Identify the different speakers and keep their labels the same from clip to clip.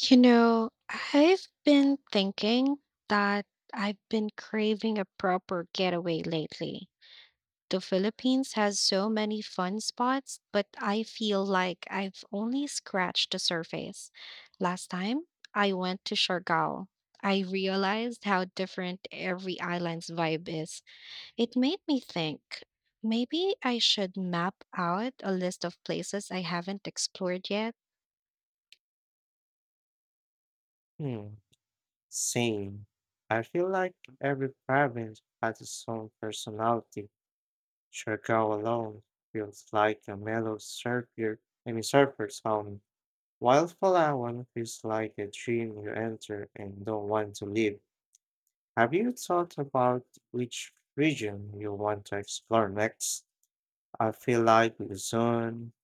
Speaker 1: You know, I've been thinking that I've been craving a proper getaway lately. The Philippines has so many fun spots, but I feel like I've only scratched the surface. Last time I went to Siargao, I realized how different every island's vibe is. It made me think maybe I should map out a list of places I haven't explored yet.
Speaker 2: Hmm, same. I feel like every province has its own personality. Siargao alone feels like a mellow surfer's home, while Palawan feels like a dream you enter and don't want to leave. Have you thought about which region you want to explore next? I feel like Luzon,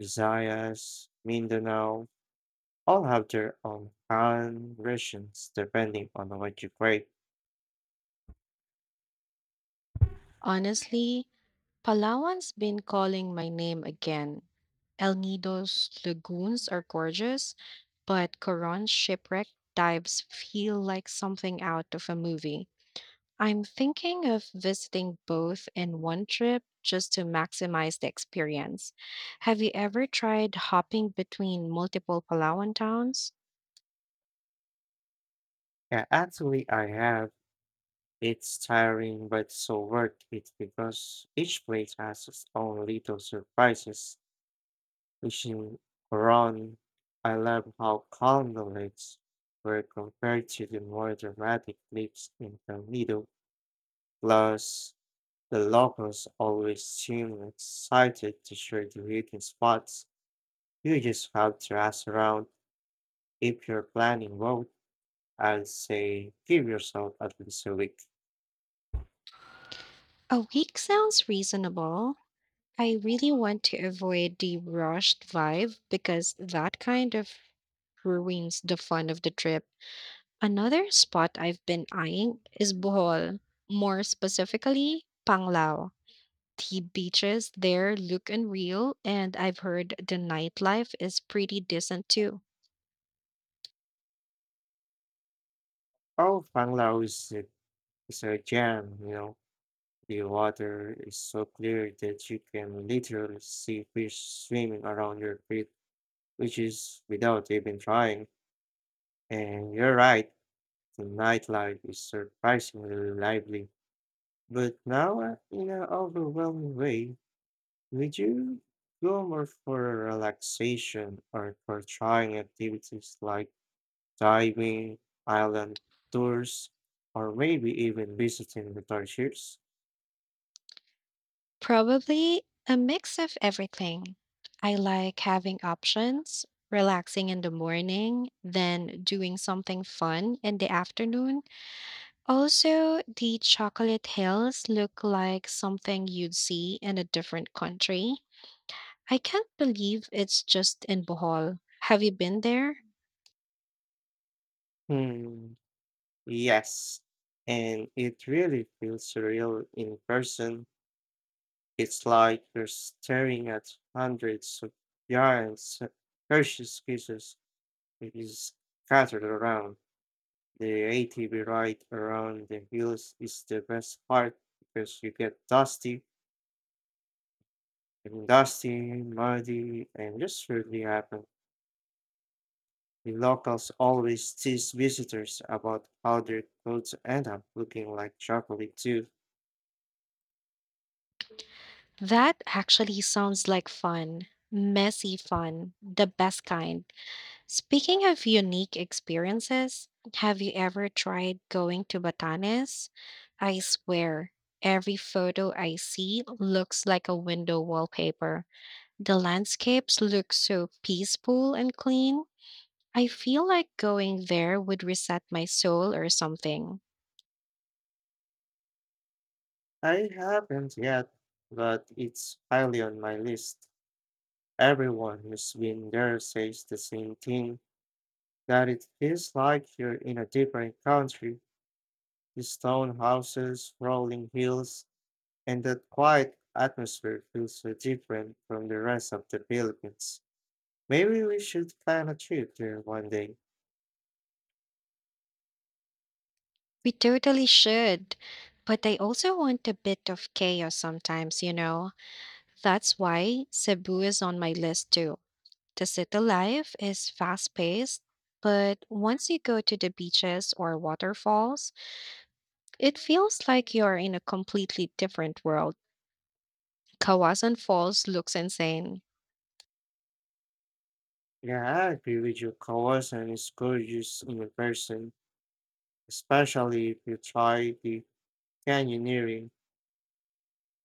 Speaker 2: Visayas, Mindanao all have their own fun versions depending on what you crave.
Speaker 1: Honestly, Palawan's been calling my name again. El Nido's lagoons are gorgeous, but Coron's shipwreck dives feel like something out of a movie. I'm thinking of visiting both in one trip just to maximize the experience. Have you ever tried hopping between multiple Palawan towns?
Speaker 2: Yeah, actually, I have. It's tiring, but so worth it because each place has its own little surprises. Fishing around, I love how calm the lakes were compared to the more dramatic lakes in the middle. Plus, the locals always seem excited to share the hidden spots. You just have to ask around. If you're planning road, I'd say give yourself at least a week.
Speaker 1: A week sounds reasonable. I really want to avoid the rushed vibe because that kind of ruins the fun of the trip. Another spot I've been eyeing is Bohol, more specifically, Panglao. The beaches there look unreal, and I've heard the nightlife is pretty decent too.
Speaker 2: Oh, Panglao is a gem, you know. The water is so clear that you can literally see fish swimming around your feet, which is without even trying. And you're right, the nightlife is surprisingly lively. But now, in an overwhelming way, would you go more for relaxation or for trying activities like diving, island tours, or maybe even visiting the torture.
Speaker 1: Probably a mix of everything. I like having options, relaxing in the morning, then doing something fun in the afternoon. Also, the chocolate hills look like something you'd see in a different country. I can't believe it's just in Bohol. Have you been there?
Speaker 2: Hmm, yes. And it really feels surreal in person. It's like you're staring at hundreds of giant precious pieces that is scattered around. The ATV ride around the hills is the best part because you get dusty muddy, and just really happen. The locals always tease visitors about how their clothes end up looking like chocolate too.
Speaker 1: That actually sounds like fun. Messy fun, the best kind. Speaking of unique experiences, have you ever tried going to Batanes? I swear, every photo I see looks like a window wallpaper. The landscapes look so peaceful and clean. I feel like going there would reset my soul or something.
Speaker 2: I haven't yet, but it's highly on my list. Everyone who's been there says the same thing, that it feels like you're in a different country. The stone houses, rolling hills, and that quiet atmosphere feels so different from the rest of the Philippines. Maybe we should plan a trip there one day.
Speaker 1: We totally should. But I also want a bit of chaos sometimes, you know? That's why Cebu is on my list too. The city life is fast paced, but once you go to the beaches or waterfalls, it feels like you're in a completely different world. Kawasan Falls looks insane.
Speaker 2: Yeah, I agree with you. Kawasan is gorgeous in person, especially if you try the canyoneering.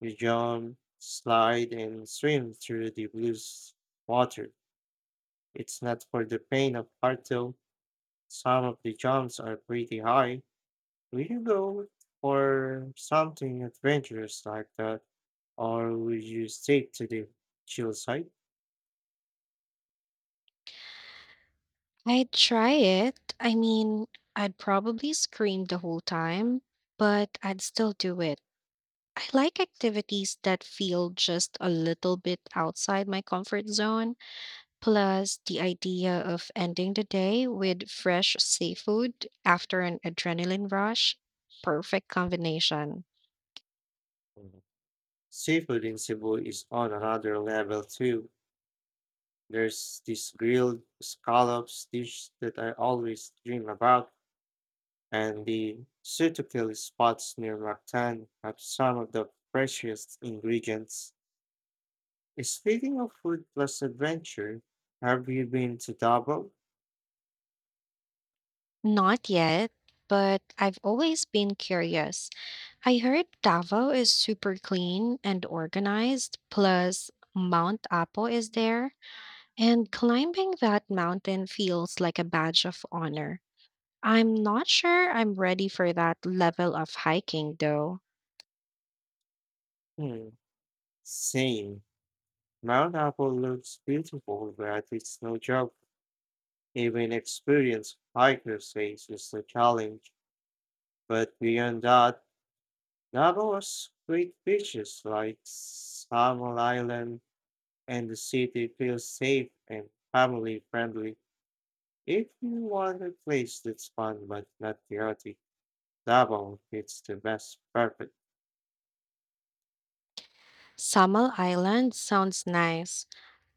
Speaker 2: You jump, slide, and swim through the water. It's not for the pain of heart though. Some of the jumps are pretty high. Will you go for something adventurous like that, or will you stick to the chill side?
Speaker 1: I'd try it. I mean, I'd probably scream the whole time, but I'd still do it. I like activities that feel just a little bit outside my comfort zone. Plus, the idea of ending the day with fresh seafood after an adrenaline rush, perfect combination.
Speaker 2: Mhm. Seafood in Cebu is on another level too. There's this grilled scallops dish that I always dream about, and the suitable spots near Mactan have some of the freshest ingredients. Speaking of food plus adventure, have you been to Davao?
Speaker 1: Not yet, but I've always been curious. I heard Davao is super clean and organized, plus Mount Apo is there, and climbing that mountain feels like a badge of honor. I'm not sure I'm ready for that level of hiking though.
Speaker 2: Hmm, same. Mount Apple looks beautiful, but it's no joke. Even experienced hikers face is a challenge. But beyond that, Davao has great beaches like Samal Island, and the city feels safe and family friendly. If you want a place that's fun but not chaotic, Davao fits the best perfect.
Speaker 1: Samal Island sounds nice.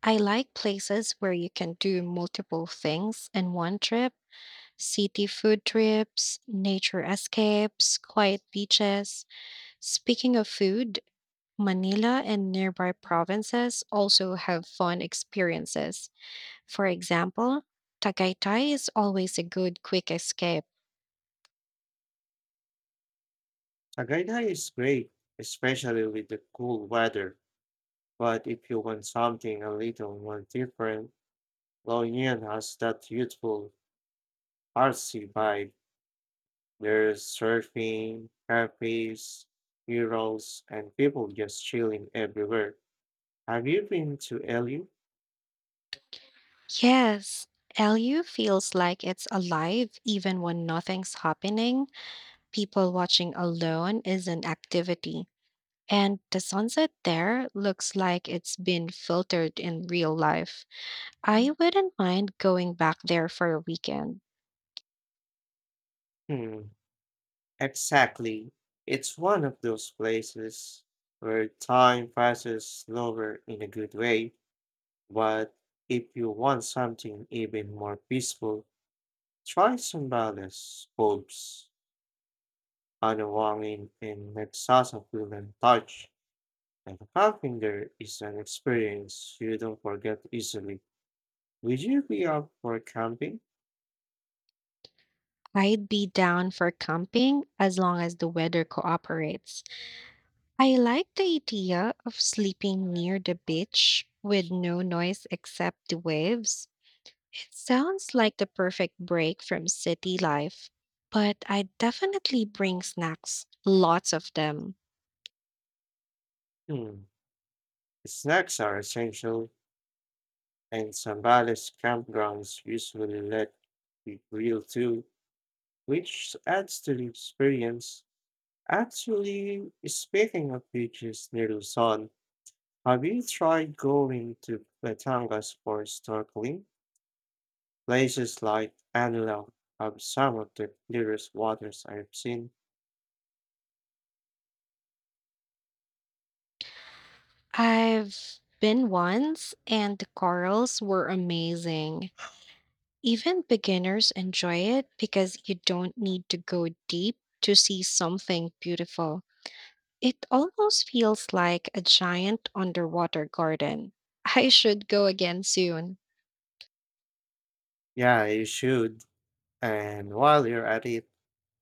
Speaker 1: I like places where you can do multiple things in one trip: city food trips, nature escapes, quiet beaches. Speaking of food, Manila and nearby provinces also have fun experiences. For example, Tagaytay is always a good quick escape.
Speaker 2: Tagaytay is great, especially with the cool weather. But if you want something a little more different, Loyang has that youthful, artsy vibe. There's surfing, cafes, murals, and people just chilling everywhere. Have you been to LU?
Speaker 1: Yes, LU feels like it's alive even when nothing's happening. People watching alone is an activity. And the sunset there looks like it's been filtered in real life. I wouldn't mind going back there for a weekend.
Speaker 2: Hmm. Exactly. It's one of those places where time passes slower in a good way, but if you want something even more peaceful, try Zambales, Bulbs, Anawangin, and Nagsasakulan Touch. And camping there is an experience you don't forget easily. Would you be up for camping?
Speaker 1: I'd be down for camping as long as the weather cooperates. I like the idea of sleeping near the beach with no noise except the waves. It sounds like the perfect break from city life, but I definitely bring snacks, lots of them.
Speaker 2: Hmm. Snacks are essential, and Zambales campgrounds usually let you grill too, which adds to the experience. Actually, speaking of beaches near Luzon, have you tried going to Batangas for snorkeling? Places like Anilang have some of the clearest waters I've seen.
Speaker 1: I've been once, and the corals were amazing. Even beginners enjoy it because you don't need to go deep to see something beautiful. It almost feels like a giant underwater garden. I should go again soon.
Speaker 2: Yeah, you should. And while you're at it,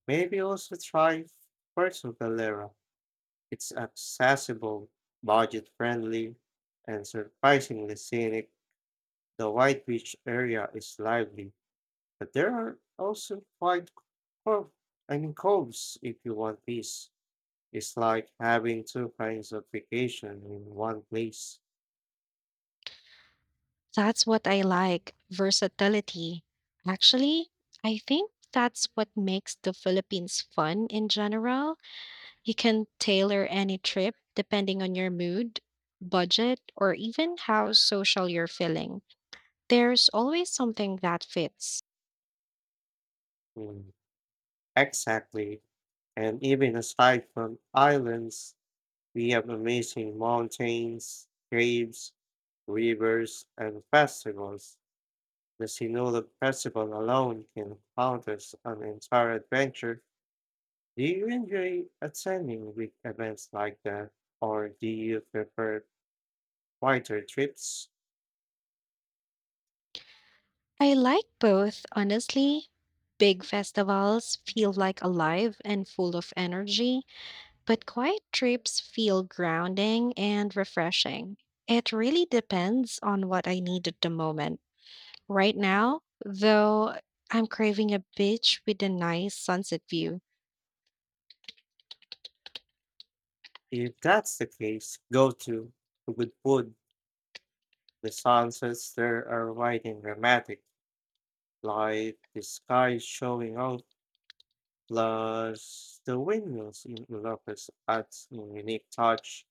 Speaker 2: maybe also try Puerto Galera. It's accessible, budget-friendly, and surprisingly scenic. The White Beach area is lively, but there are also quite cove, I mean coves if you want peace. It's like having two kinds of vacation in one place.
Speaker 1: That's what I like, versatility. Actually, I think that's what makes the Philippines fun in general. You can tailor any trip depending on your mood, budget, or even how social you're feeling. There's always something that fits.
Speaker 2: Mm, exactly. And even aside from islands, we have amazing mountains, caves, rivers, and festivals. The Sinulog Festival alone can count as an entire adventure. Do you enjoy attending big events like that, or do you prefer quieter trips?
Speaker 1: I like both, honestly. Big festivals feel like alive and full of energy, but quiet trips feel grounding and refreshing. It really depends on what I need at the moment. Right now, though, I'm craving a beach with a nice sunset view.
Speaker 2: If that's the case, go to good food. The sunsets there are white and dramatic, like the sky showing off, plus the windmills in Ilocos adds a unique touch.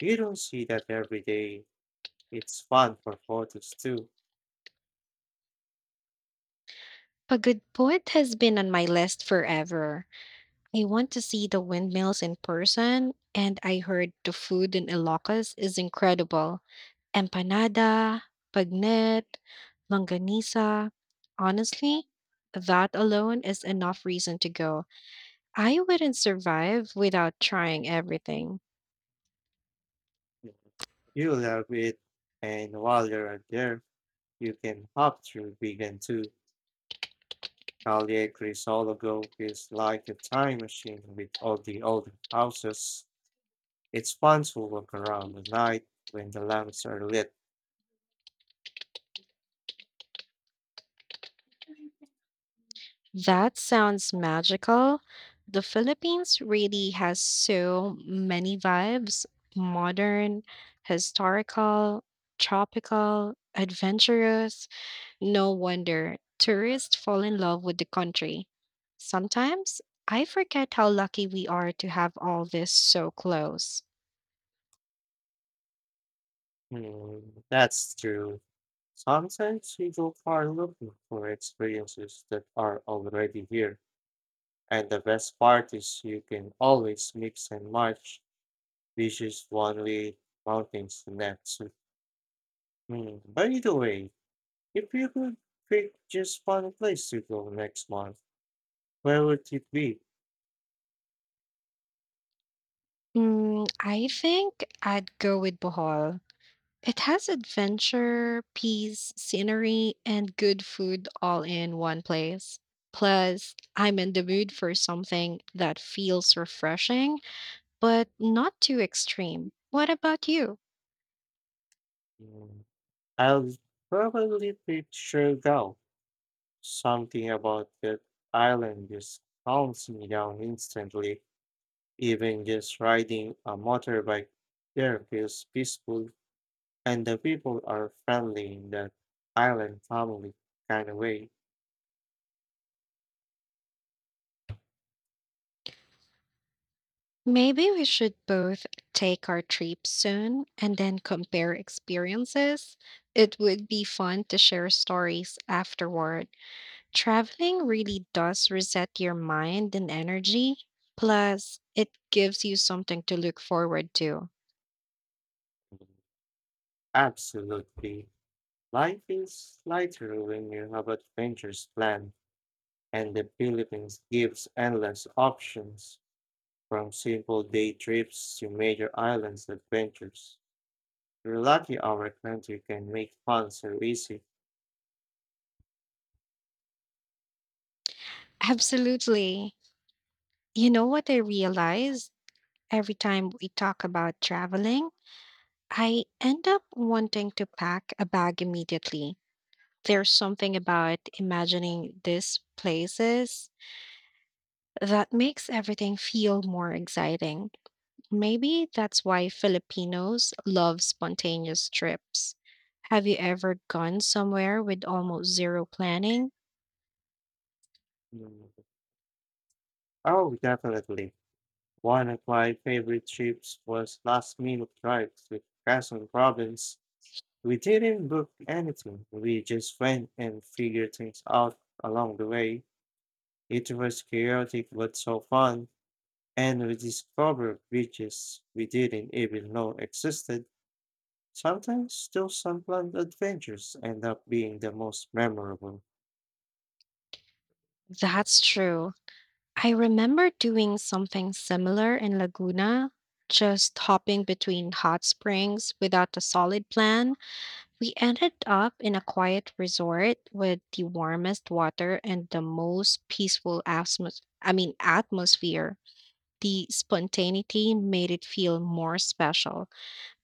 Speaker 2: You don't see that every day. It's fun for photos too.
Speaker 1: A good Pagudpud has been on my list forever. I want to see the windmills in person, and I heard the food in Ilocos is incredible. Empanada, pagnet, longanisa. Honestly, that alone is enough reason to go. I wouldn't survive without trying everything.
Speaker 2: You love it, and while you're there, you can hop through vegan too. Calle Crisologo is like a time machine with all the old houses. It's fun to walk around at night when the lamps are lit.
Speaker 1: That sounds magical. The Philippines really has so many vibes: modern, historical, tropical, adventurous. No wonder tourists fall in love with the country. Sometimes I forget how lucky we are to have all this so close.
Speaker 2: Hmm, that's true. Sometimes we go far looking for experiences that are already here. And the best part is you can always mix and match beaches one way, mountains the next. Hmm, by the way, if you could pick just one place to go next month, where would it be?
Speaker 1: Mm, I think I'd go with Bohol. It has adventure, peace, scenery, and good food all in one place. Plus, I'm in the mood for something that feels refreshing, but not too extreme. What about you?
Speaker 2: Mm, I'll probably picture Gao. Something about that island just calms me down instantly. Even just riding a motorbike there feels peaceful, and the people are friendly in that island family kind of way.
Speaker 1: Maybe we should both take our trip soon and then compare experiences. It would be fun to share stories afterward. Traveling really does reset your mind and energy. Plus, it gives you something to look forward to.
Speaker 2: Absolutely. Life is lighter when you have adventures planned, and the Philippines gives endless options. From simple day trips to major islands adventures. We're lucky our country can make fun so easy.
Speaker 1: Absolutely. You know what I realize every time we talk about traveling? I end up wanting to pack a bag immediately. There's something about imagining these places that makes everything feel more exciting. Maybe that's why Filipinos love spontaneous trips. Have you ever gone somewhere with almost zero planning?
Speaker 2: Mm. Oh, definitely. One of my favorite trips was last minute drives with Quezon province. We didn't book anything. We just went and figured things out along the way. It was chaotic but so fun, and we discovered beaches we didn't even know existed. Sometimes those unplanned adventures end up being the most memorable.
Speaker 1: That's true. I remember doing something similar in Laguna, just hopping between hot springs without a solid plan. We ended up in a quiet resort with the warmest water and the most peaceful atmosphere. The spontaneity made it feel more special.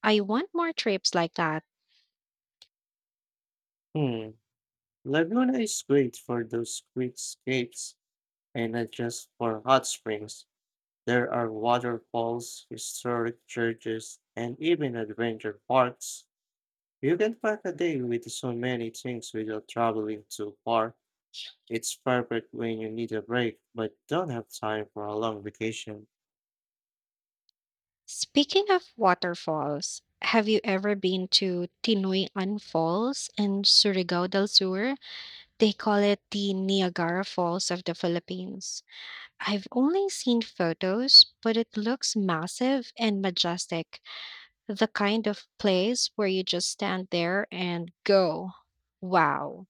Speaker 1: I want more trips like that.
Speaker 2: Hmm, Laguna is great for those quick escapes and not just for hot springs. There are waterfalls, historic churches, and even adventure parks. You can pack a day with so many things without traveling too far. It's perfect when you need a break but don't have time for a long vacation.
Speaker 1: Speaking of waterfalls, have you ever been to Tinoy-an Falls in Surigao del Sur? They call it the Niagara Falls of the Philippines. I've only seen photos, but it looks massive and majestic. The kind of place where you just stand there and go, wow.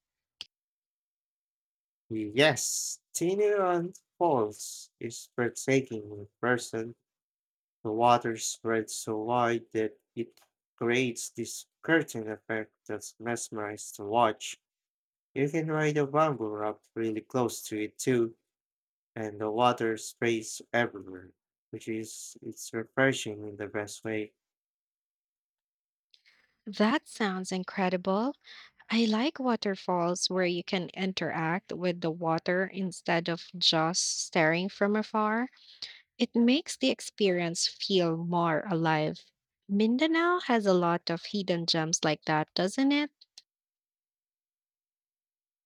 Speaker 2: Yes, thinner on falls is breathtaking in person. The water spreads so wide that it creates this curtain effect that's mesmerized to watch. You can ride a bamboo up really close to it too, and the water sprays everywhere, which is it's refreshing in the best way.
Speaker 1: That sounds incredible. I like waterfalls where you can interact with the water instead of just staring from afar. It makes the experience feel more alive. Mindanao has a lot of hidden gems like that, doesn't it?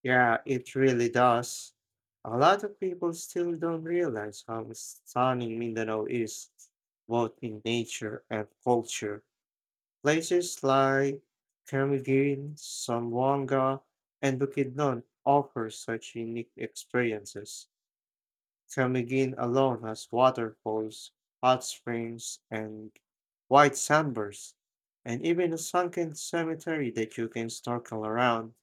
Speaker 2: Yeah, it really does. A lot of people still don't realize how stunning Mindanao is, both in nature and culture. Places like Camiguin, Zamboanga, and Bukidnon offer such unique experiences. Camiguin alone has waterfalls, hot springs, and white sandbars, and even a sunken cemetery that you can snorkel around.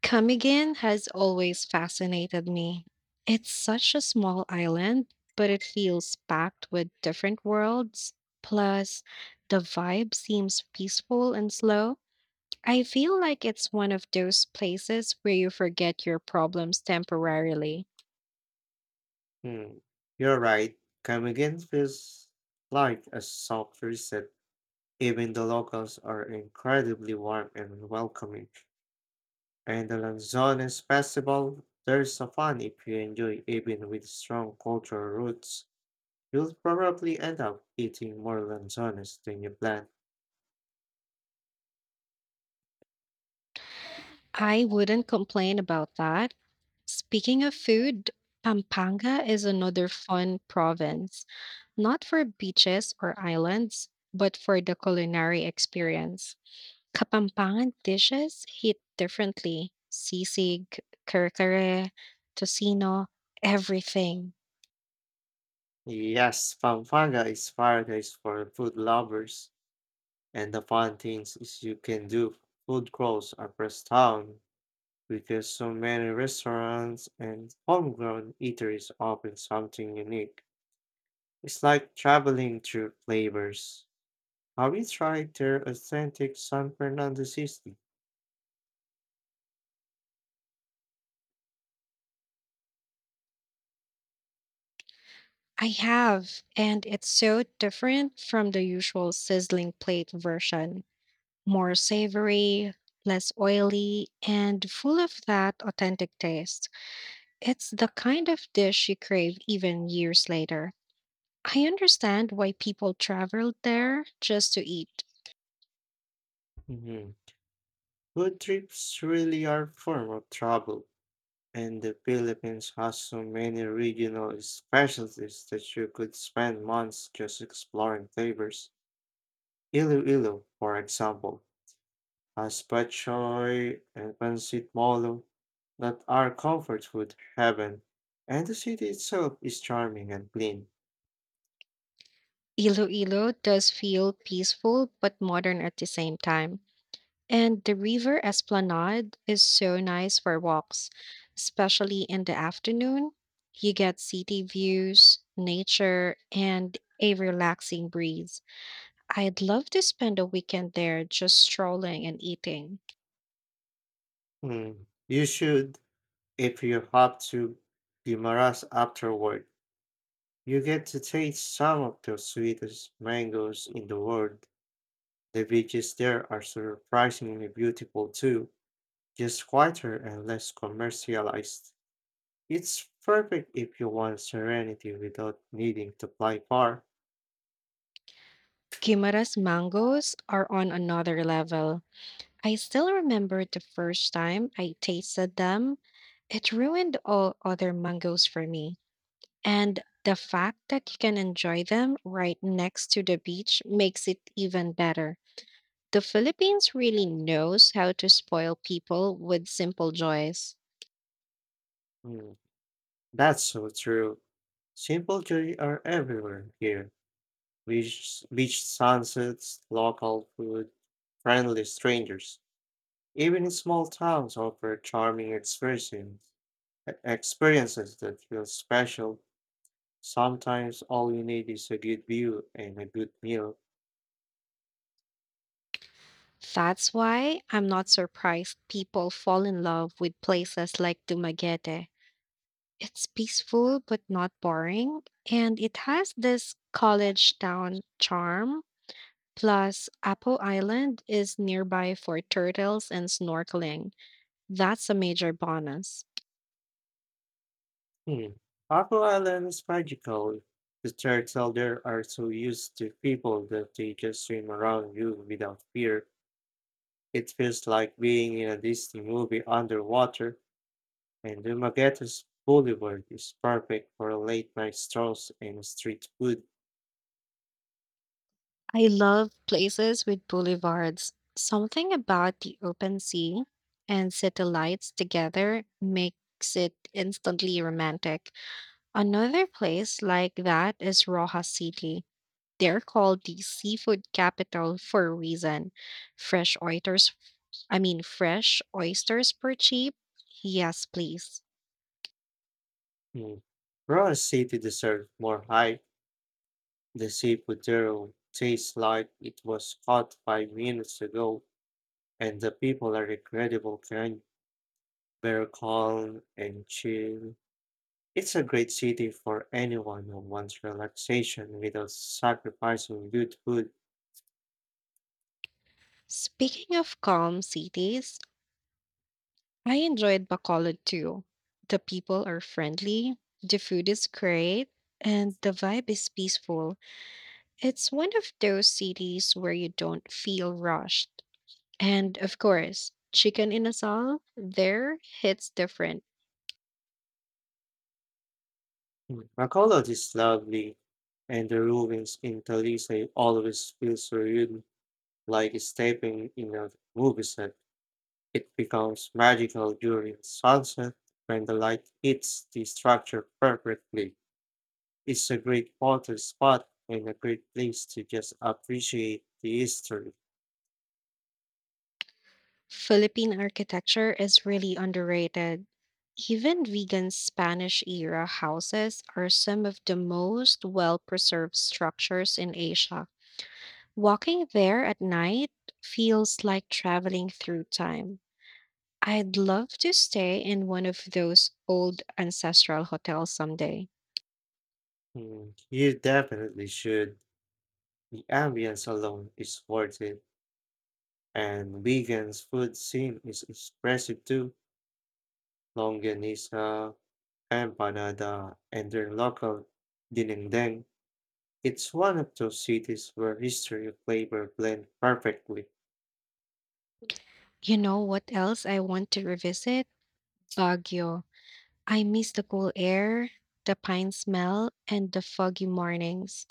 Speaker 1: Camiguin has always fascinated me. It's such a small island, but it feels packed with different worlds. Plus, the vibe seems peaceful and slow. I feel like it's one of those places where you forget your problems temporarily.
Speaker 2: Hmm, you're right. Camiguen feels like a soft reset. Even the locals are incredibly warm and welcoming. And the Lanzones Festival, there's a fun if you enjoy even with strong cultural roots. You'll probably end up eating more Lanzones than you plan.
Speaker 1: I wouldn't complain about that. Speaking of food, Pampanga is another fun province, not for beaches or islands, but for the culinary experience. Kapampangan dishes hit differently. Sisig, kare kare, tocino, everything.
Speaker 2: Yes, Pampanga is paradise for food lovers. And the fun things is you can do. Food crawls across town because so many restaurants and homegrown eateries offer something unique. It's like traveling through flavors. Have you tried their authentic San Fernando seasoning?
Speaker 1: I have, and it's so different from the usual sizzling plate version. More savory, less oily, and full of that authentic taste. It's the kind of dish you crave even years later. I understand why people traveled there just to eat.
Speaker 2: Mhm. Food trips really are a form of travel, and the Philippines has so many regional specialties that you could spend months just exploring flavors. Iloilo, for example, as bok choy and pancit molo that are comfort food heaven. And the city itself is charming and clean.
Speaker 1: Iloilo does feel peaceful but modern at the same time. And the river esplanade is so nice for walks, especially in the afternoon. You get city views, nature, and a relaxing breeze. I'd love to spend a weekend there just strolling and eating.
Speaker 2: Hmm. You should, if you have to Guimaras afterward, you get to taste some of the sweetest mangoes in the world. The beaches there are surprisingly beautiful too, just quieter and less commercialized. It's perfect if you want serenity without needing to fly far.
Speaker 1: Guimara's mangoes are on another level. I still remember the first time I tasted them. It ruined all other mangoes for me. And the fact that you can enjoy them right next to the beach makes it even better. The Philippines really knows how to spoil people with simple joys.
Speaker 2: Hmm. That's so true. Simple joy are everywhere here. Beach sunsets, local food, friendly strangers. Even in small towns offer charming experiences that feel special. Sometimes all you need is a good view and a good meal.
Speaker 1: That's why I'm not surprised people fall in love with places like Dumaguete. It's peaceful but not boring, and it has this college town charm. Plus, Apo Island is nearby for turtles and snorkeling. That's a major bonus.
Speaker 2: Hmm. Apple Island is magical. The turtles there are so used to people that they just swim around you without fear. It feels like being in a Disney movie underwater, and the Dumaguete's Boulevard is perfect for late night strolls and street food.
Speaker 1: I love places with boulevards. Something about the open sea and city lights together makes it instantly romantic. Another place like that is Rojas City. They're called the seafood capital for a reason. Fresh oysters, fresh oysters per cheap? Yes, please.
Speaker 2: Mm. Raw City deserves more hype. The seafood there tastes like it was caught 5 minutes ago, and the people are incredible kind, very calm and chill. It's a great city for anyone who wants relaxation without sacrificing good food.
Speaker 1: Speaking of calm cities, I enjoyed Bacolod too. The people are friendly, the food is great, and the vibe is peaceful. It's one of those cities where you don't feel rushed. And of course, chicken in asal there hits different.
Speaker 2: Mm, Bacolod is lovely, and the ruins in Talisay always feel surreal, like stepping in a movie set. It becomes magical during sunset when the light hits the structure perfectly. It's a great photo spot and a great place to just appreciate the history.
Speaker 1: Philippine architecture is really underrated. Even vegan Spanish era houses are some of the most well preserved structures in Asia. Walking there at night feels like traveling through time. I'd love to stay in one of those old ancestral hotels someday.
Speaker 2: Mm, you definitely should. The ambience alone is worth it, and vegan's food scene is expressive too. Longanisa, Empanada and their local dinengdeng. It's one of those cities where history and flavor blend perfectly.
Speaker 1: You know what else I want to revisit? Baguio. I miss the cool air, the pine smell, and the foggy mornings.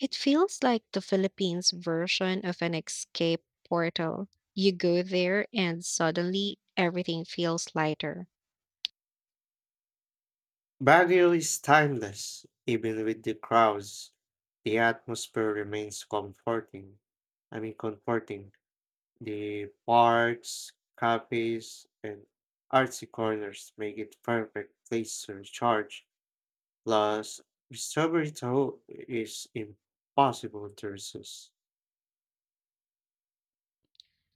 Speaker 1: It feels like the Philippines version of an escape portal. You go there and suddenly everything feels lighter.
Speaker 2: Baguio is timeless, even with the crowds. The atmosphere remains comforting. The parks, cafes, and artsy corners make it perfect place to recharge. Plus, strawberry toast is impossible to resist.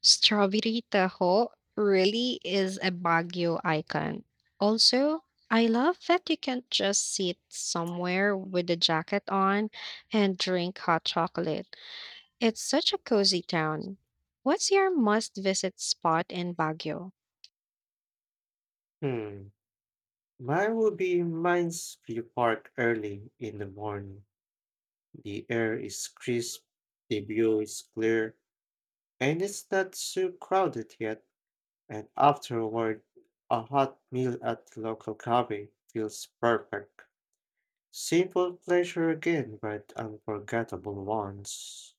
Speaker 1: Strawberry Tahoe really is a Baguio icon. Also, I love that you can just sit somewhere with a jacket on and drink hot chocolate. It's such a cozy town. What's your must visit spot in Baguio?
Speaker 2: Hmm. Mine would be mine's view park early in the morning. The air is crisp, the view is clear, and it's not too crowded yet. And afterward, a hot meal at the local cafe feels perfect. Simple pleasure again, but unforgettable ones.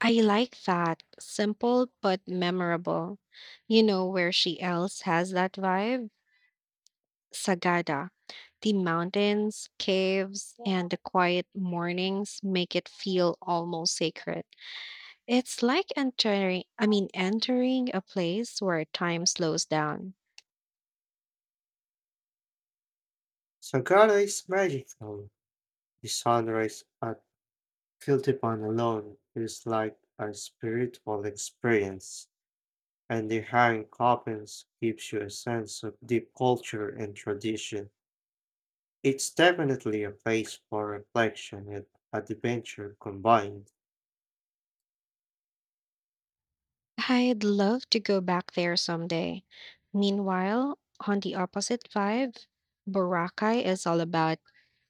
Speaker 1: I like that. Simple but memorable. You know where she else has that vibe? Sagada. The mountains, caves, and the quiet mornings make it feel almost sacred. It's like entering a place where time slows down.
Speaker 2: Sagara is magical. The sunrise at Kiltipan alone is like a spiritual experience, and the hang carpens gives you a sense of deep culture and tradition. It's definitely a place for reflection and adventure combined.
Speaker 1: I'd love to go back there someday. Meanwhile, on the opposite vibe, Boracay is all about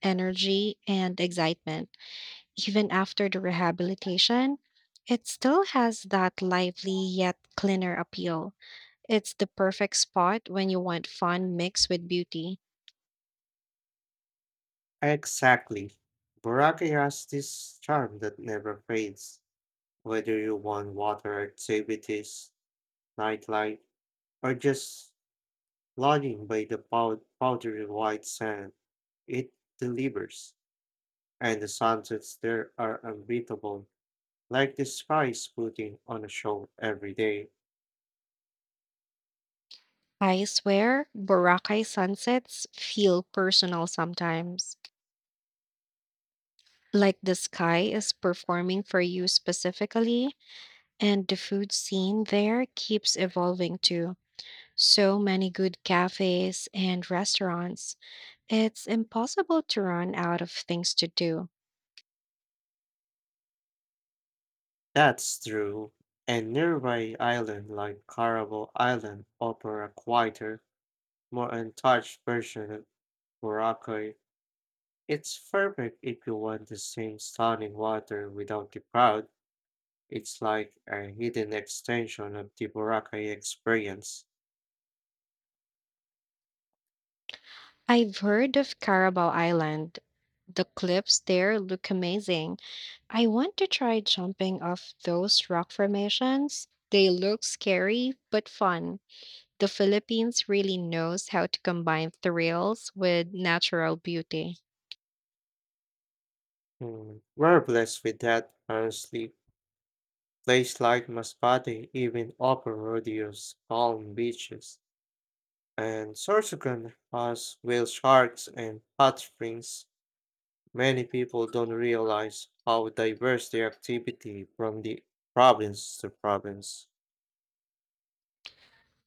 Speaker 1: energy and excitement. Even after the rehabilitation, it still has that lively yet cleaner appeal. It's the perfect spot when you want fun mixed with beauty.
Speaker 2: Exactly. Boracay has this charm that never fades, whether you want water activities, nightlife, or just lounging by the powdery white sand. It delivers, and the sunsets there are unbeatable, like the sky is putting on a show every day.
Speaker 1: I swear, Boracay sunsets feel personal sometimes. Like the sky is performing for you specifically, and the food scene there keeps evolving too. So many good cafes and restaurants. It's impossible to run out of things to do.
Speaker 2: That's true. And nearby island like Carnival Island offer a quieter, more untouched version of Boracay. It's perfect if you want the same stunning water without the crowd. It's like a hidden extension of the Boracay experience.
Speaker 1: I've heard of Carabao Island. The cliffs there look amazing. I want to try jumping off those rock formations. They look scary but fun. The Philippines really knows how to combine thrills with natural beauty.
Speaker 2: We're blessed with that, honestly. Place like Masbate even offer rodeos, calm beaches, and Sorsogon has whale sharks and hot springs. Many people don't realize how diverse their activity from the province to province.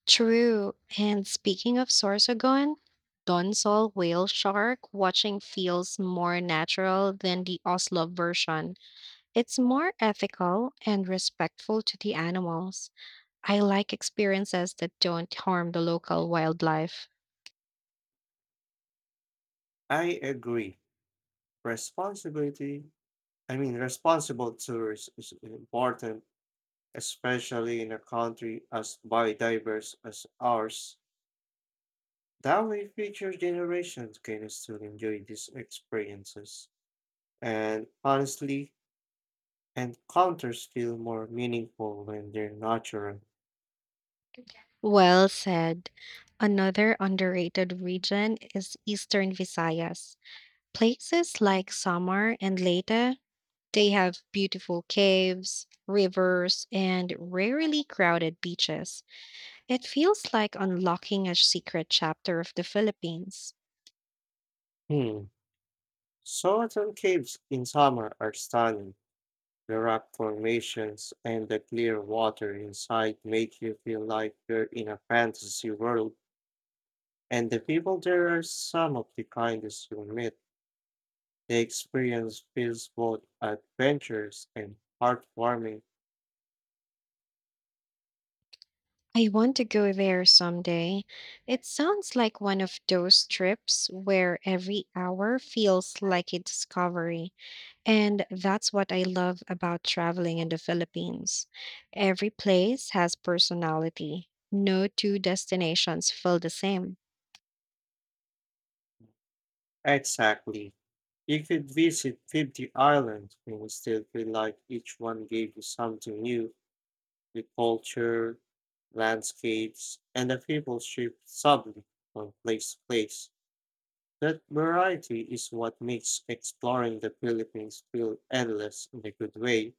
Speaker 1: True. And speaking of Sorsogon, Donsol whale shark watching feels more natural than the Oslo version. It's more ethical and respectful to the animals. I like experiences that don't harm the local wildlife.
Speaker 2: I agree. Responsibility, Responsible tourism is important, especially in a country as biodiverse as ours. That way, future generations can still enjoy these experiences. And honestly, encounters feel more meaningful when they're natural.
Speaker 1: Well said. Another underrated region is Eastern Visayas. Places like Samar and Leyte, they have beautiful caves, rivers, and rarely crowded beaches. It feels like unlocking a secret chapter of the Philippines.
Speaker 2: Hmm. Soatal caves in summer are stunning. The rock formations and the clear water inside make you feel like you're in a fantasy world, and the people there are some of the kindest you'll meet. The experience feels both adventurous and heartwarming.
Speaker 1: I want to go there someday. It sounds like one of those trips where every hour feels like a discovery. And that's what I love about traveling in the Philippines. Every place has personality. No two destinations feel the same.
Speaker 2: Exactly. You could visit 50 islands and still feel like each one gave you something new. The culture, landscapes, and the people shift subtly from place to place. That variety is what makes exploring the Philippines feel endless in a good way.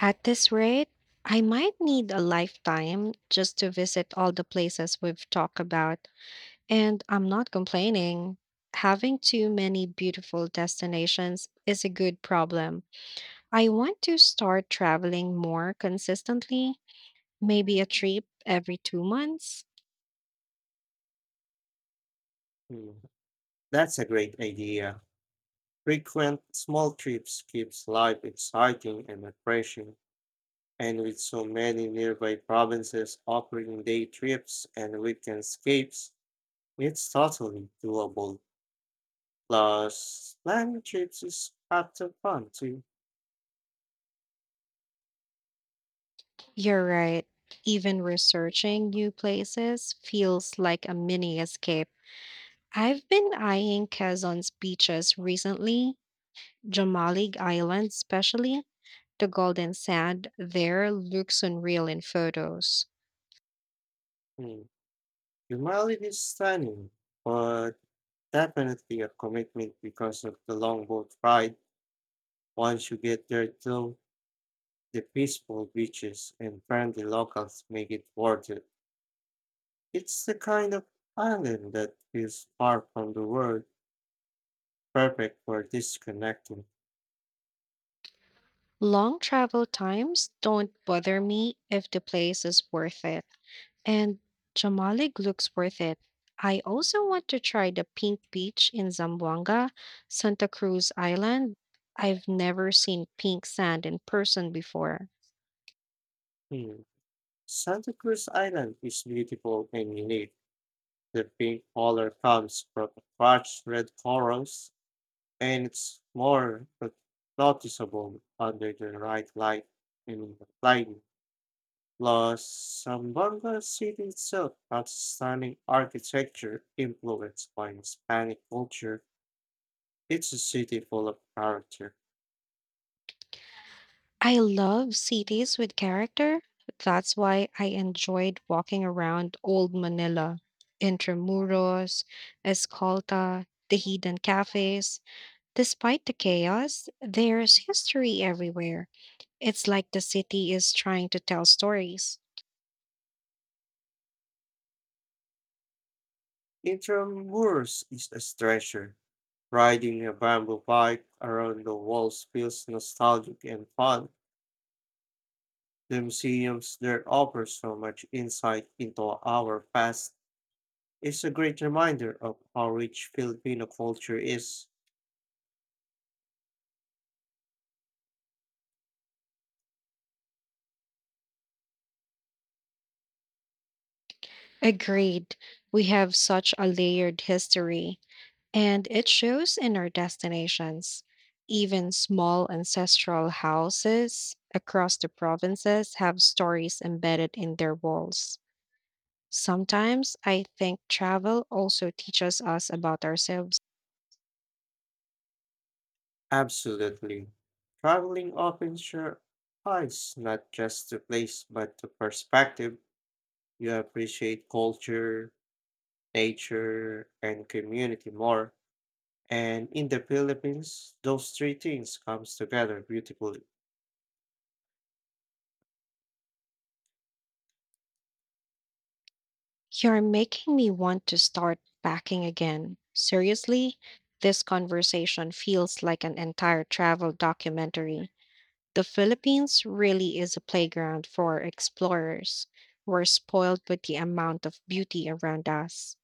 Speaker 1: At this rate, I might need a lifetime just to visit all the places we've talked about. And I'm not complaining. Having too many beautiful destinations is a good problem. I want to start traveling more consistently, maybe a trip every 2 months.
Speaker 2: Mm, that's a great idea. Frequent small trips keeps life exciting and refreshing. And with so many nearby provinces offering day trips and weekend escapes, it's totally doable. Plus, land trips is lots of fun too.
Speaker 1: You're right. Even researching new places feels like a mini escape. I've been eyeing Quezon's beaches recently, Jamalig Island especially. The golden sand there looks unreal in photos.
Speaker 2: Mm. The mileage is stunning, but definitely a commitment because of the long boat ride. Once you get there though, the peaceful beaches and friendly locals make it worth it. It's the kind of island that feels far from the world, perfect for disconnecting.
Speaker 1: Long travel times don't bother me if the place is worth it. And Jamalig looks worth it. I also want to try the Pink Beach in Zamboanga, Santa Cruz Island. I've never seen pink sand in person before.
Speaker 2: Hmm. Santa Cruz Island is beautiful and unique. The pink color comes from crushed red corals, and it's more but noticeable under the right light and lighting. Plus, Zamboanga city itself has stunning architecture influenced by Hispanic culture. It's a city full of character.
Speaker 1: I love cities with character. That's why I enjoyed walking around Old Manila, Intramuros, Escolta, the hidden cafes. Despite the chaos, there's history everywhere. It's like the city is trying to tell stories.
Speaker 2: Intramuros is a treasure. Riding a bamboo bike around the walls feels nostalgic and fun. The museums there offer so much insight into our past. It's a great reminder of how rich Filipino culture is.
Speaker 1: Agreed. We have such a layered history, and it shows in our destinations. Even small ancestral houses across the provinces have stories embedded in their walls. Sometimes I think travel also teaches us about ourselves.
Speaker 2: Absolutely. Traveling opens your eyes not just to place but to perspective. You appreciate culture, nature, and community more. And in the Philippines, those three things comes together beautifully.
Speaker 1: You're making me want to start packing again. Seriously, this conversation feels like an entire travel documentary. The Philippines really is a playground for explorers. We're spoiled with the amount of beauty around us.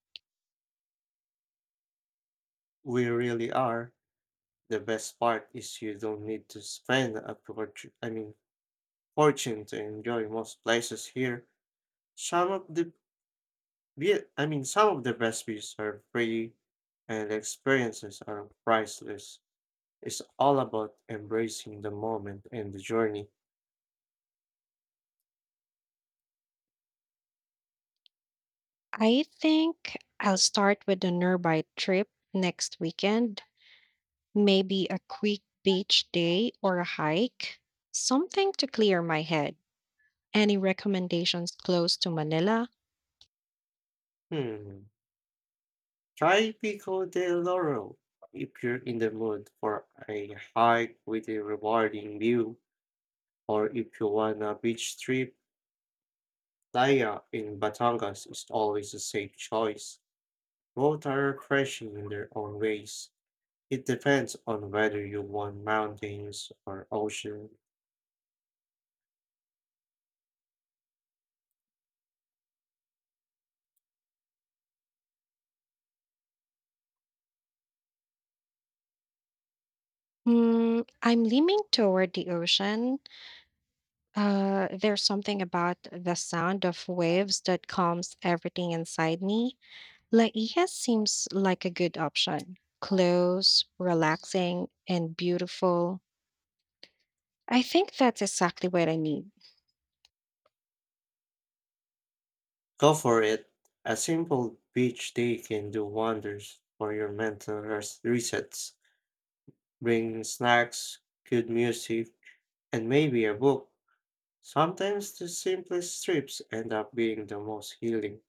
Speaker 2: We really are. The best part is you don't need to spend a fortune to enjoy most places here. Some of the Yeah, some of the best views are free and the experiences are priceless. It's all about embracing the moment and the journey.
Speaker 1: I think I'll start with a nearby trip next weekend, maybe a quick beach day or a hike, something to clear my head. Any recommendations close to Manila?
Speaker 2: Hmm. Try Pico de Loro if you're in the mood for a hike with a rewarding view, or if you want a beach trip, Playa in Batangas is always a safe choice. Both are refreshing in their own ways. It depends on whether you want mountains or ocean.
Speaker 1: Mm, I'm leaning toward the ocean. There's something about the sound of waves that calms everything inside me. Laia seems like a good option. Close, relaxing, and beautiful. I think that's exactly what I need.
Speaker 2: Go for it. A simple beach day can do wonders for your mental resets. Bring snacks, good music, and maybe a book. Sometimes the simplest trips end up being the most healing.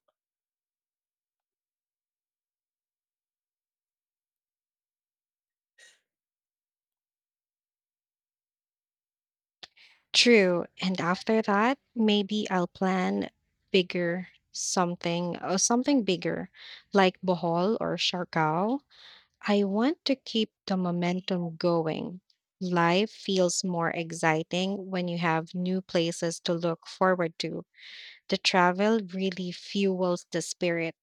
Speaker 1: True. And after that, maybe I'll plan bigger something or something bigger like Bohol or Siargao. I want to keep the momentum going. Life feels more exciting when you have new places to look forward to. The travel really fuels the spirit.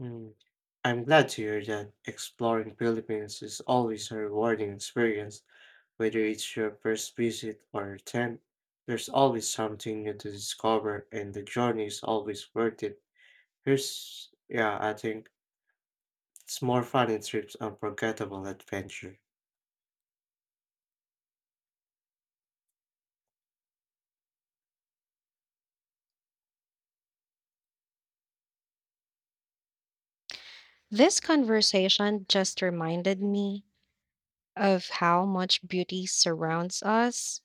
Speaker 2: Mm. I'm glad to hear that exploring Philippines is always a rewarding experience, whether it's your first visit or tenth. There's always something new to discover, and the journey is always worth it. Yeah, I think it's more fun in trips unforgettable adventure.
Speaker 1: This conversation just reminded me of how much beauty surrounds us,